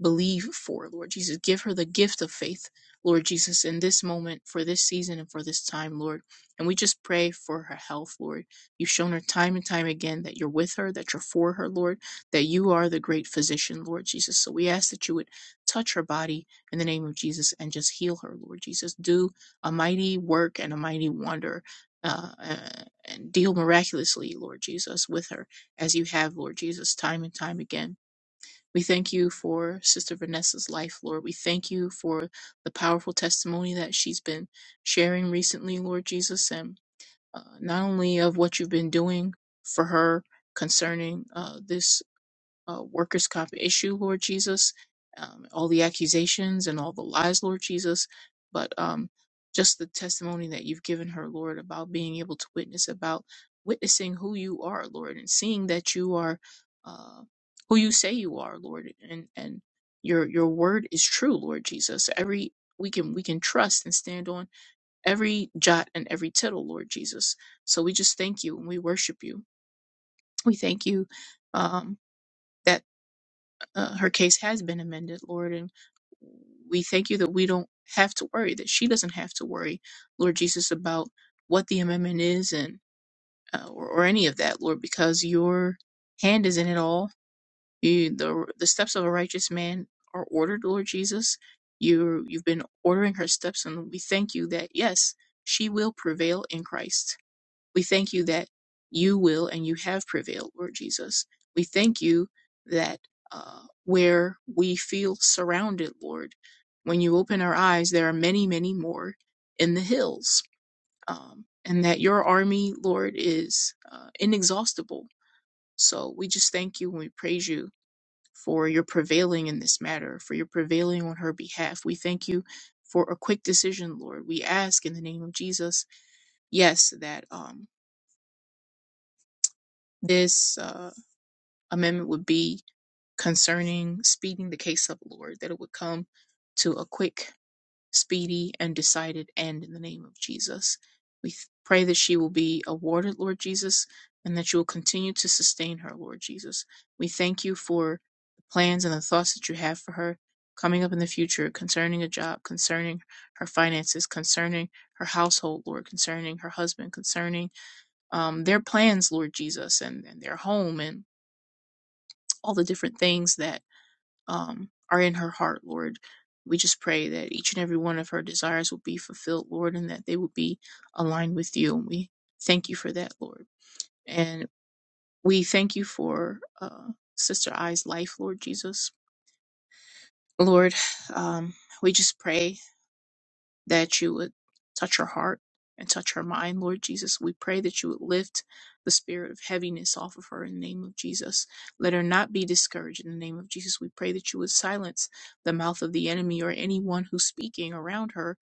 believe for, Lord Jesus. Give her the gift of faith, Lord Jesus, in this moment, for this season, and for this time, Lord. And we just pray for her health, Lord. You've shown her time and time again that you're with her, that you're for her, Lord, that you are the great physician, Lord Jesus. So we ask that you would touch her body in the name of Jesus and just heal her, Lord Jesus. Do a mighty work and a mighty wonder. Uh, and deal miraculously, Lord Jesus, with her as you have, Lord Jesus, time and time again. We thank you for Sister Vanessa's life, Lord. We thank you for the powerful testimony that she's been sharing recently, Lord Jesus, and uh, not only of what you've been doing for her concerning uh, this uh, workers' comp issue, Lord Jesus, um, all the accusations and all the lies, Lord Jesus, but um, just the testimony that you've given her, Lord, about being able to witness, about witnessing who you are, Lord, and seeing that you are uh, who you say you are, Lord, and and your your word is true, Lord Jesus. Every we can we can trust and stand on every jot and every tittle, Lord Jesus. So we just thank you and we worship you. We thank you um, that uh, her case has been amended, Lord, and we thank you that we don't have to worry, that she doesn't have to worry, Lord Jesus, about what the amendment is and uh, or, or any of that, Lord, because your hand is in it all. You, the the steps of a righteous man are ordered, Lord Jesus. You you've been ordering her steps, and we thank you that yes, she will prevail in Christ we thank you that you will and you have prevailed, Lord Jesus. We thank you that uh, where we feel surrounded, Lord, when you open our eyes, there are many, many more in the hills, um, and that your army, Lord, is uh, inexhaustible. So we just thank you and we praise you for your prevailing in this matter, for your prevailing on her behalf. We thank you for a quick decision, Lord. We ask in the name of Jesus, yes, that um, this. Uh, amendment would be concerning speeding the case up, Lord, that it would come to a quick, speedy, and decided end in the name of Jesus. We th- pray that she will be awarded, Lord Jesus, and that you will continue to sustain her, Lord Jesus. We thank you for the plans and the thoughts that you have for her coming up in the future concerning a job, concerning her finances, concerning her household, Lord, concerning her husband, concerning um, their plans, Lord Jesus, and, and their home and all the different things that um, are in her heart, Lord. We just pray that each and every one of her desires will be fulfilled, Lord, and that they will be aligned with you. And we thank you for that, Lord. And we thank you for uh, Sister I's life, Lord Jesus. Lord, um, we just pray. that you would touch her heart and touch her mind, Lord Jesus. We pray that you would lift the spirit of heaviness off of her in the name of Jesus. Let her not be discouraged in the name of Jesus. We pray that you would silence the mouth of the enemy or anyone who's speaking around her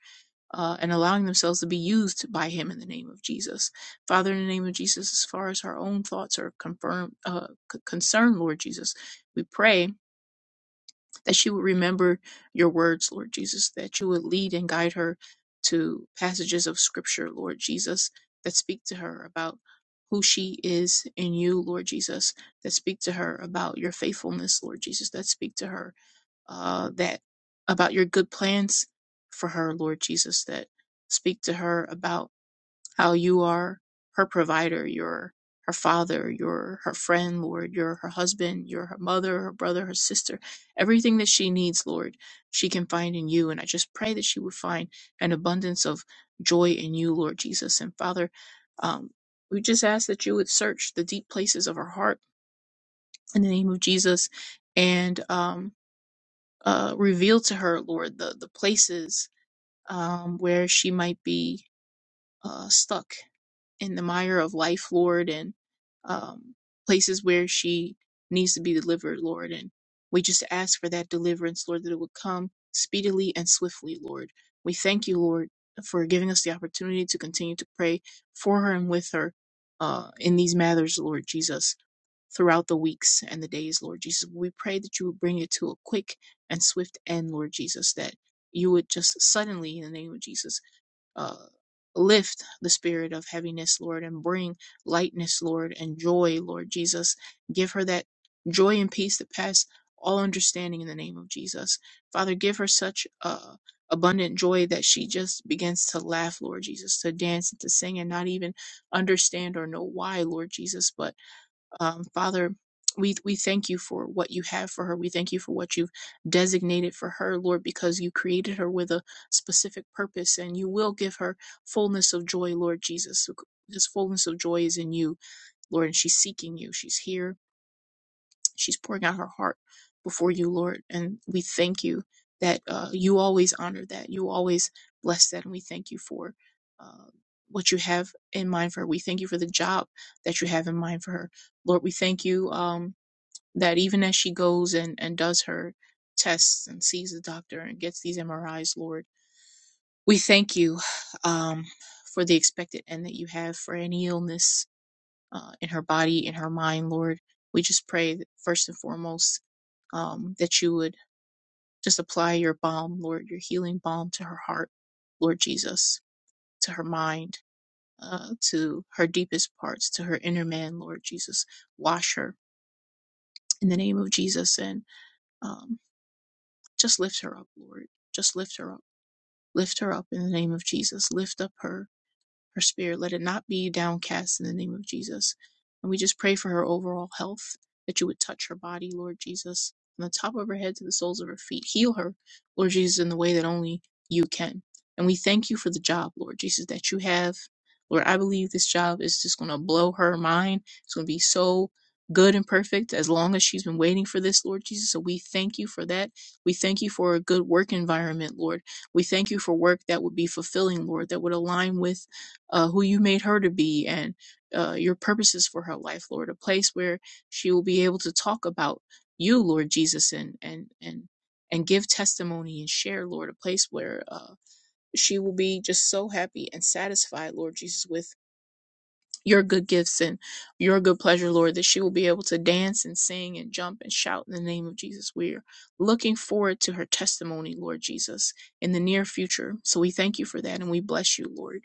uh, and allowing themselves to be used by him in the name of Jesus. Father, in the name of Jesus, as far as our own thoughts are confirmed, uh, c- concerned, Lord Jesus, we pray that she would remember your words, Lord Jesus, that you would lead and guide her to passages of scripture, Lord Jesus, that speak to her about who she is in you, Lord Jesus, that speak to her about your faithfulness, Lord Jesus, that speak to her uh, that about your good plans for her, Lord Jesus, that speak to her about how you are her provider, you're her father, you're her friend, Lord, you're her husband, you're her mother, her brother, her sister. Everything that she needs, Lord, she can find in you. And I just pray that she would find an abundance of joy in you, Lord Jesus. And Father, um, we just ask that you would search the deep places of her heart in the name of Jesus and um, uh, reveal to her, Lord, the, the places um, where she might be uh, stuck in the mire of life, Lord, and um, places where she needs to be delivered, Lord. And we just ask for that deliverance, Lord, that it would come speedily and swiftly, Lord. We thank you, Lord, for giving us the opportunity to continue to pray for her and with her uh, in these matters, Lord Jesus, throughout the weeks and the days, Lord Jesus. We pray that you would bring it to a quick and swift end, Lord Jesus, that you would just suddenly, in the name of Jesus, uh, lift the spirit of heaviness, Lord, and bring lightness, Lord, and joy, Lord Jesus. Give her that joy and peace that pass all understanding in the name of Jesus. Father, give her such uh, abundant joy that she just begins to laugh, Lord Jesus, to dance and to sing and not even understand or know why, Lord Jesus, but. Um, Father, we, we thank you for what you have for her. We thank you for what you've designated for her, Lord, because you created her with a specific purpose and you will give her fullness of joy, Lord Jesus. This fullness of joy is in you, Lord, and she's seeking you. She's here She's pouring out her heart before you, Lord. And we thank you that uh, you always honor that. You always bless that. And we thank you for uh, what you have in mind for her. We thank you for the job that you have in mind for her. Lord, we thank you um, that even as she goes and, and does her tests and sees the doctor and gets these MRIs, Lord, we thank you um, for the expected end that you have for any illness uh, in her body, in her mind, Lord. We just pray that first and foremost um, that you would just apply your balm, Lord, your healing balm to her heart, Lord Jesus, to her mind, uh, to her deepest parts, to her inner man, Lord Jesus. Wash her in the name of Jesus and um, just lift her up, Lord. Just lift her up. Lift her up in the name of Jesus. Lift up her her spirit. Let it not be downcast in the name of Jesus. And we just pray for her overall health, that you would touch her body, Lord Jesus, from the top of her head to the soles of her feet. Heal her, Lord Jesus, in the way that only you can. And we thank you for the job, Lord Jesus, that you have. Lord, I believe this job is just going to blow her mind. It's going to be so good and perfect as long as she's been waiting for this, Lord Jesus. So we thank you for that. We thank you for a good work environment, Lord. We thank you for work that would be fulfilling, Lord, that would align with uh, who you made her to be and uh, your purposes for her life, Lord. A place where she will be able to talk about you, Lord Jesus, and and and and give testimony and share, Lord. A place where uh, she will be just so happy and satisfied, Lord Jesus, with your good gifts and your good pleasure, Lord. That she will be able to dance and sing and jump and shout in the name of Jesus. We're looking forward to her testimony, Lord Jesus, in the near future. So we thank you for that and we bless you, Lord.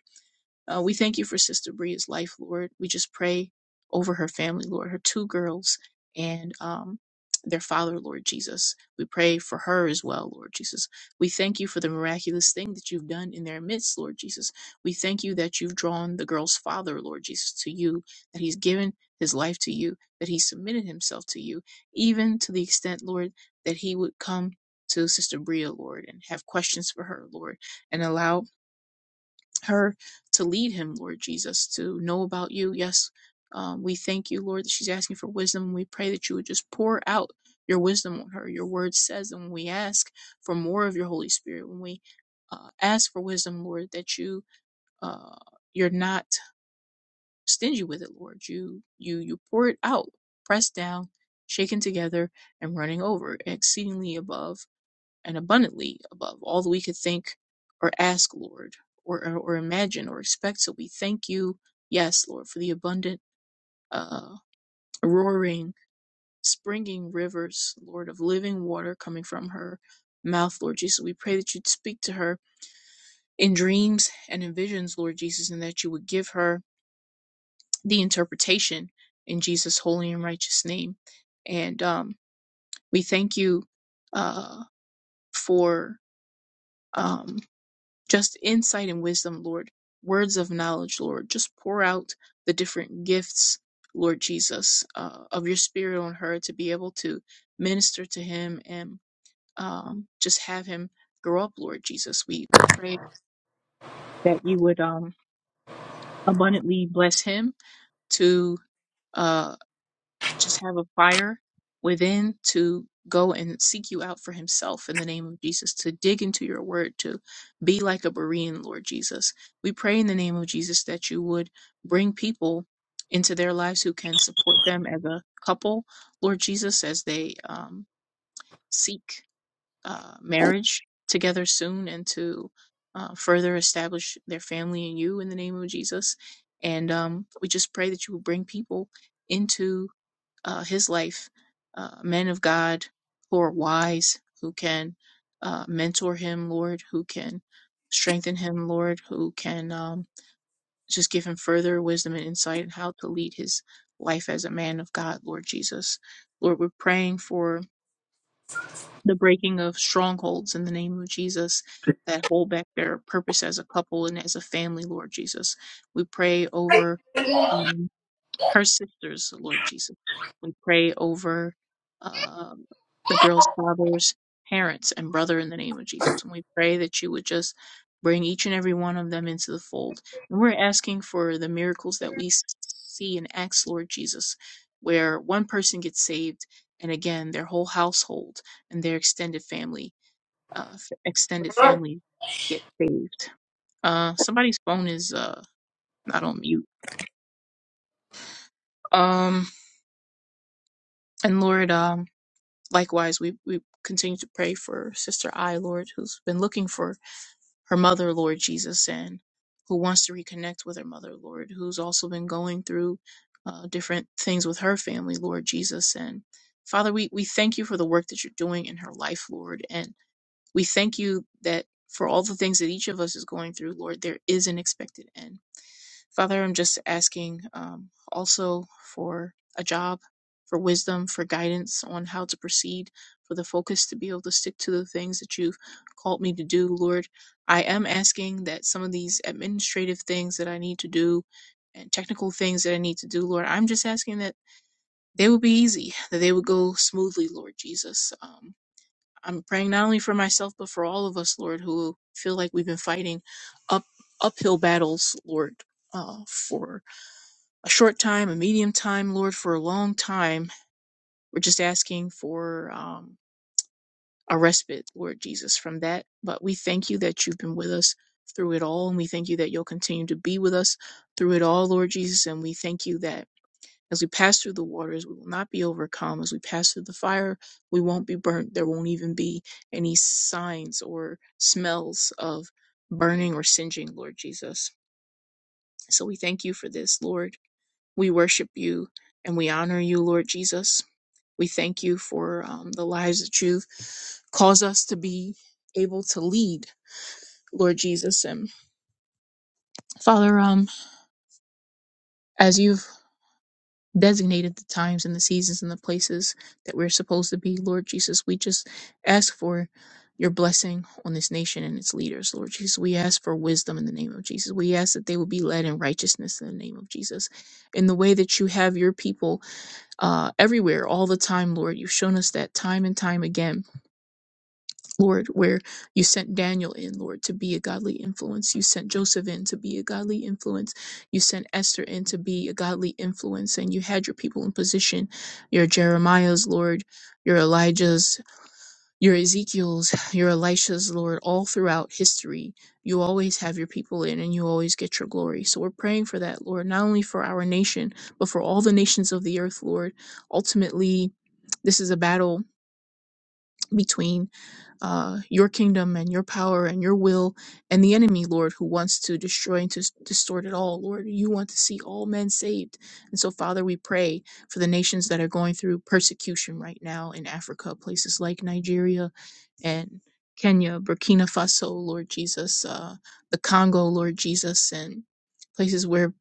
Uh, we thank you for Sister Bria's life, Lord. We just pray over her family, Lord, her two girls and um, their father, Lord Jesus. We pray for her as well, Lord Jesus. We thank you for the miraculous thing that you've done in their midst, Lord Jesus. We thank you that you've drawn the girl's father, Lord Jesus, to you, that he's given his life to you, that he submitted himself to you, even to the extent, Lord, that he would come to Sister Bria, Lord, and have questions for her, Lord, and allow her to lead him, Lord Jesus, to know about you. Yes, um, we thank you, Lord, that she's asking for wisdom. We pray that you would just pour out your wisdom on her. Your word says, and when we ask for more of your Holy Spirit, when we uh, ask for wisdom, Lord, that you uh, you're not stingy with it, Lord. You you you pour it out, pressed down, shaken together, and running over, exceedingly above and abundantly above all that we could think or ask, Lord, or, or, imagine or expect. So we thank you, yes, Lord, for the abundant, uh, roaring, springing rivers, Lord, of living water coming from her mouth, Lord Jesus. We pray that you'd speak to her in dreams and in visions, Lord Jesus, and that you would give her the interpretation in Jesus' holy and righteous name. And um, we thank you uh, for. um, Just insight and wisdom, Lord. Words of knowledge, Lord. Just pour out the different gifts, Lord Jesus, uh, of your spirit on her to be able to minister to him and um, just have him grow up, Lord Jesus. We pray that you would um, abundantly bless him to. uh, just have a fire within to go and seek you out for himself in the name of Jesus, to dig into your word, to be like a Berean, Lord Jesus. We pray in the name of Jesus that you would bring people into their lives who can support them as a couple, Lord Jesus, as they um, seek uh, marriage together soon and to uh, further establish their family in you in the name of Jesus. And um, we just pray that you will bring people into uh, his life uh, men of God who are wise, who can uh, mentor him, Lord, who can strengthen him, Lord, who can um, just give him further wisdom and insight in how to lead his life as a man of God, Lord Jesus. Lord, we're praying for the breaking of strongholds in the name of Jesus that hold back their purpose as a couple and as a family, Lord Jesus. We pray over. um, her sisters, Lord Jesus. We pray over um, the girls' fathers, parents, and brother in the name of Jesus. And we pray that you would just bring each and every one of them into the fold. And we're asking for the miracles that we s- see in Acts, Lord Jesus, where one person gets saved, and again, their whole household and their extended family, uh, f- extended family, get saved. Uh, somebody's phone is uh, not on mute. Um, and Lord, um, Likewise, we, we continue to pray for Sister I, Lord, who's been looking for her mother, Lord Jesus, and who wants to reconnect with her mother, Lord, who's also been going through uh, different things with her family, Lord Jesus. And Father, we, we thank you for the work that you're doing in her life, Lord. And we thank you that for all the things that each of us is going through, Lord, there is an expected end. Father, I'm just asking um, also for a job, for wisdom, for guidance on how to proceed, for the focus to be able to stick to the things that you've called me to do, Lord. I am asking that some of these administrative things that I need to do and technical things that I need to do, Lord, I'm just asking that they would be easy, that they would go smoothly, Lord Jesus. Um, I'm praying not only for myself, but for all of us, Lord, who feel like we've been fighting up uphill battles, Lord, uh, for a short time, a medium time, Lord, for a long time. We're just asking for um, a respite, Lord Jesus, from that. But we thank you that you've been with us through it all, and we thank you that you'll continue to be with us through it all, Lord Jesus. And we thank you that as we pass through the waters, we will not be overcome. As we pass through the fire, we won't be burnt. There won't even be any signs or smells of burning or singeing, Lord Jesus. So we thank you for this, Lord. We worship you and we honor you, Lord Jesus. We thank you for um, the lives that you've caused us to be able to lead, Lord Jesus. And Father, um, as you've designated the times and the seasons and the places that we're supposed to be, Lord Jesus, we just ask for your blessing on this nation and its leaders, Lord Jesus. We ask for wisdom in the name of Jesus. We ask that they will be led in righteousness in the name of Jesus. In the way that you have your people uh, everywhere, all the time, Lord. You've shown us that time and time again, Lord, where you sent Daniel in, Lord, to be a godly influence. You sent Joseph in to be a godly influence. You sent Esther in to be a godly influence. And you had your people in position, your Jeremiah's, Lord, your Elijah's. Your Ezekiels, your Elishas, Lord, all throughout history, you always have your people in and you always get your glory. So we're praying for that, Lord, not only for our nation, but for all the nations of the earth, Lord. Ultimately, this is a battle between uh, your kingdom and your power and your will and the enemy, Lord, who wants to destroy and to s- distort it all. Lord, you want to see all men saved. And so, Father, we pray for the nations that are going through persecution right now in Africa, places like Nigeria and Kenya, Burkina Faso, Lord Jesus, uh, the Congo, Lord Jesus, and places where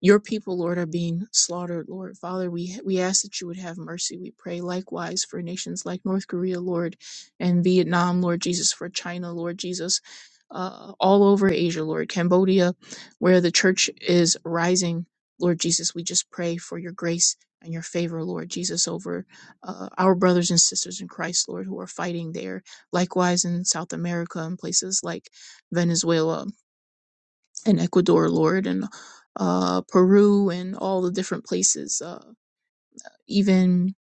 your people, Lord, are being slaughtered, Lord. Father, we, we ask that you would have mercy. We pray likewise for nations like North Korea, Lord, and Vietnam, Lord Jesus, for China, Lord Jesus, uh, all over Asia, Lord, Cambodia, where the church is rising, Lord Jesus. We just pray for your grace and your favor, Lord Jesus, over uh, our brothers and sisters in Christ, Lord, who are fighting there Likewise, in South America and places like Venezuela and Ecuador, Lord, and uh, Peru and all the different places, uh, even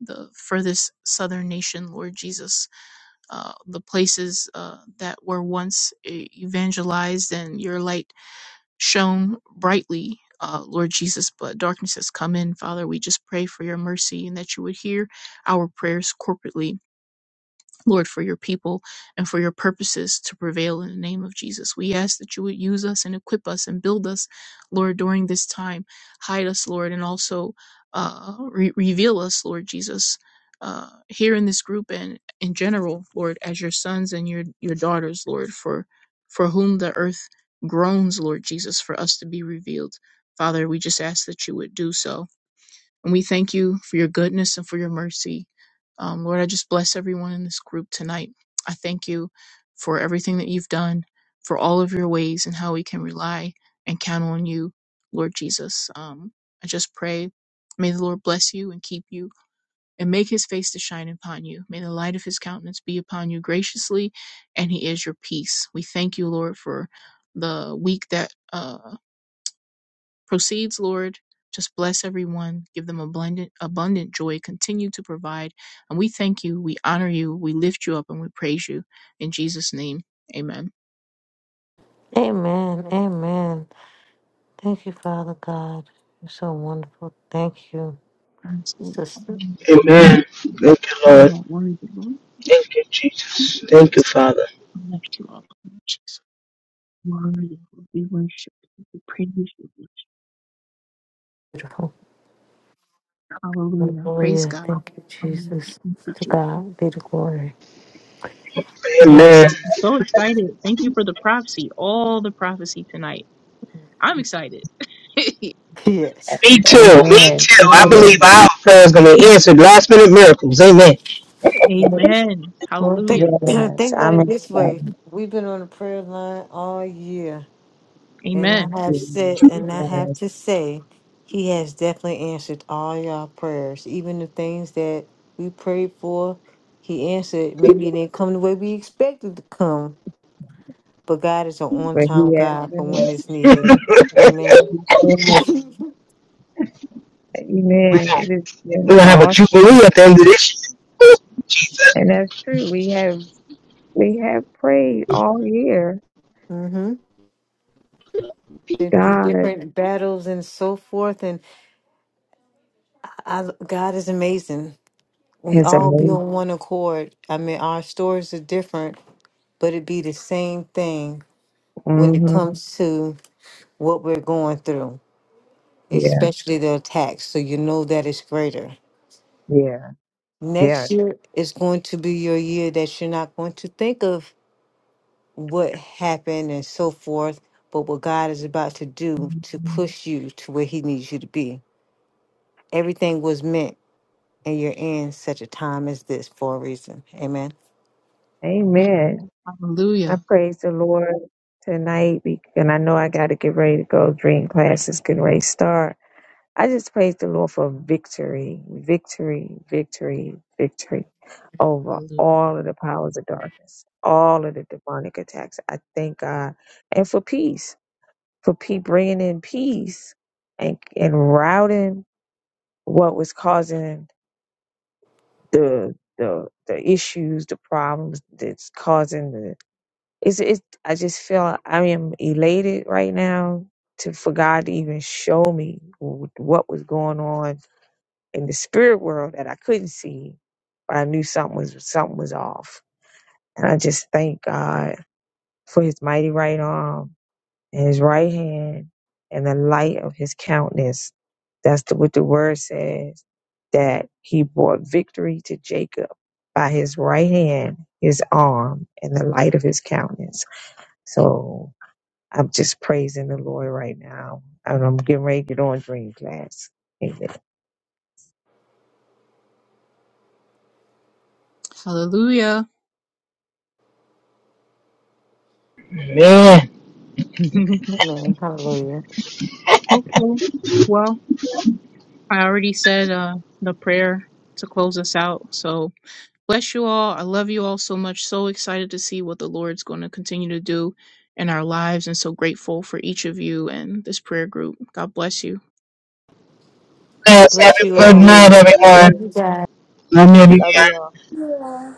the furthest southern nation, Lord Jesus, uh, the places uh, that were once e- evangelized and your light shone brightly. Uh, Lord Jesus, but darkness has come in. Father, we just pray for your mercy and that you would hear our prayers corporately Lord, for your people and for your purposes to prevail in the name of Jesus. We ask that you would use us and equip us and build us, Lord, during this time. Hide us, Lord, and also uh, re- reveal us, Lord Jesus, uh, here in this group and in general, Lord, as your sons and your, your daughters, Lord, for, for whom the earth groans, Lord Jesus, for us to be revealed. Father, we just ask that you would do so. And we thank you for your goodness and for your mercy. Um, Lord, I just bless everyone in this group tonight. I thank you for everything that you've done, for all of your ways, and how we can rely and count on you, Lord Jesus. Um, I just pray, may the Lord bless you and keep you and make his face to shine upon you. May the light of his countenance be upon you graciously, and he is your peace. We thank you, Lord, for the week that. uh, proceeds, Lord. Just bless everyone. Give them abundant, abundant joy. Continue to provide. And we thank you. We honor you. We lift you up and we praise you. In Jesus' name, amen. Amen. Amen. Thank you, Father God. You're so wonderful. Thank you, Yes, Sister. Amen. You Thank you, Lord. are worthy, Lord. Thank you, Jesus. Thank you, Father. We lift you up, Lord Jesus. Worthy, Lord. We worship you. We praise you. Beautiful. Hallelujah. Praise Hallelujah. God. Thank you, Hallelujah. Jesus. Thank you, To Jesus. God be the glory. Yes. Amen. Glory. I'm so excited. Thank you for the prophecy, all the prophecy tonight. I'm excited. Yes. Me too. Me Amen. too. Thank I you, believe Lord. Hallelujah. our prayer is going to answer last minute miracles. Amen. Yes. Amen. Well, Hallelujah. think, Yes, think about I'm it this way. excited. We've been on the prayer line all year And I Amen. have said, and I have Yes, to say, He has definitely answered all y'all prayers, even the things that we prayed for. He answered. Maybe it didn't come the way we expected to come, but God is an for on-time he has God for been when it's needed. listening. Amen. Yes. Amen. We're Amen. It has been going to have a all, jubilee at the end of this year. and that's true. We have we have prayed all year. Mm-hmm. Been through God different battles and so forth, and I, God is amazing. We is all be amazing. on one accord. I mean, our stories are different, but it be the same thing when it hmm comes to what we're going through, Yeah, especially the attacks. So you know that it's greater. yeah, yeah. Next year is going to be your year that you're not going to think of what happened and so forth, but what God is about to do to Amen. push you to where He needs you to be. Everything was meant, and you're in such a time as this for a reason. Amen. Amen. I Hallelujah. praise the Lord tonight, be- and I know I got to get ready to go. Dream classes can ready to start. I just praise the Lord for victory, victory, victory, victory over Hallelujah. all of the powers of darkness, all of the demonic attacks. I thank God, and for peace, for pe- bringing in peace and and routing what was causing the the the issues, the problems that's causing the it's it I just feel I am elated right now to for God to even show me wh- what was going on in the spirit world that I couldn't see, but I knew something was something was off. And I just thank God for his mighty right arm and his right hand and the light of his countenance. That's the, what the word says that he brought victory to Jacob by his right hand, his arm, and the light of his countenance. So I'm just praising the Lord right now. And I'm getting ready to get on dream class. Amen. Hallelujah. Man. Amen. Hallelujah. okay. Well, I already said uh, the prayer to close us out. So bless you all. I love you all so much. So excited to see what the Lord's going to continue to do in our lives and so grateful for each of you and this prayer group. God bless you. God God Yes, bless have bless a you good all. night, you. Love everyone. Love you you. guys. Love you. Love you all. Yeah.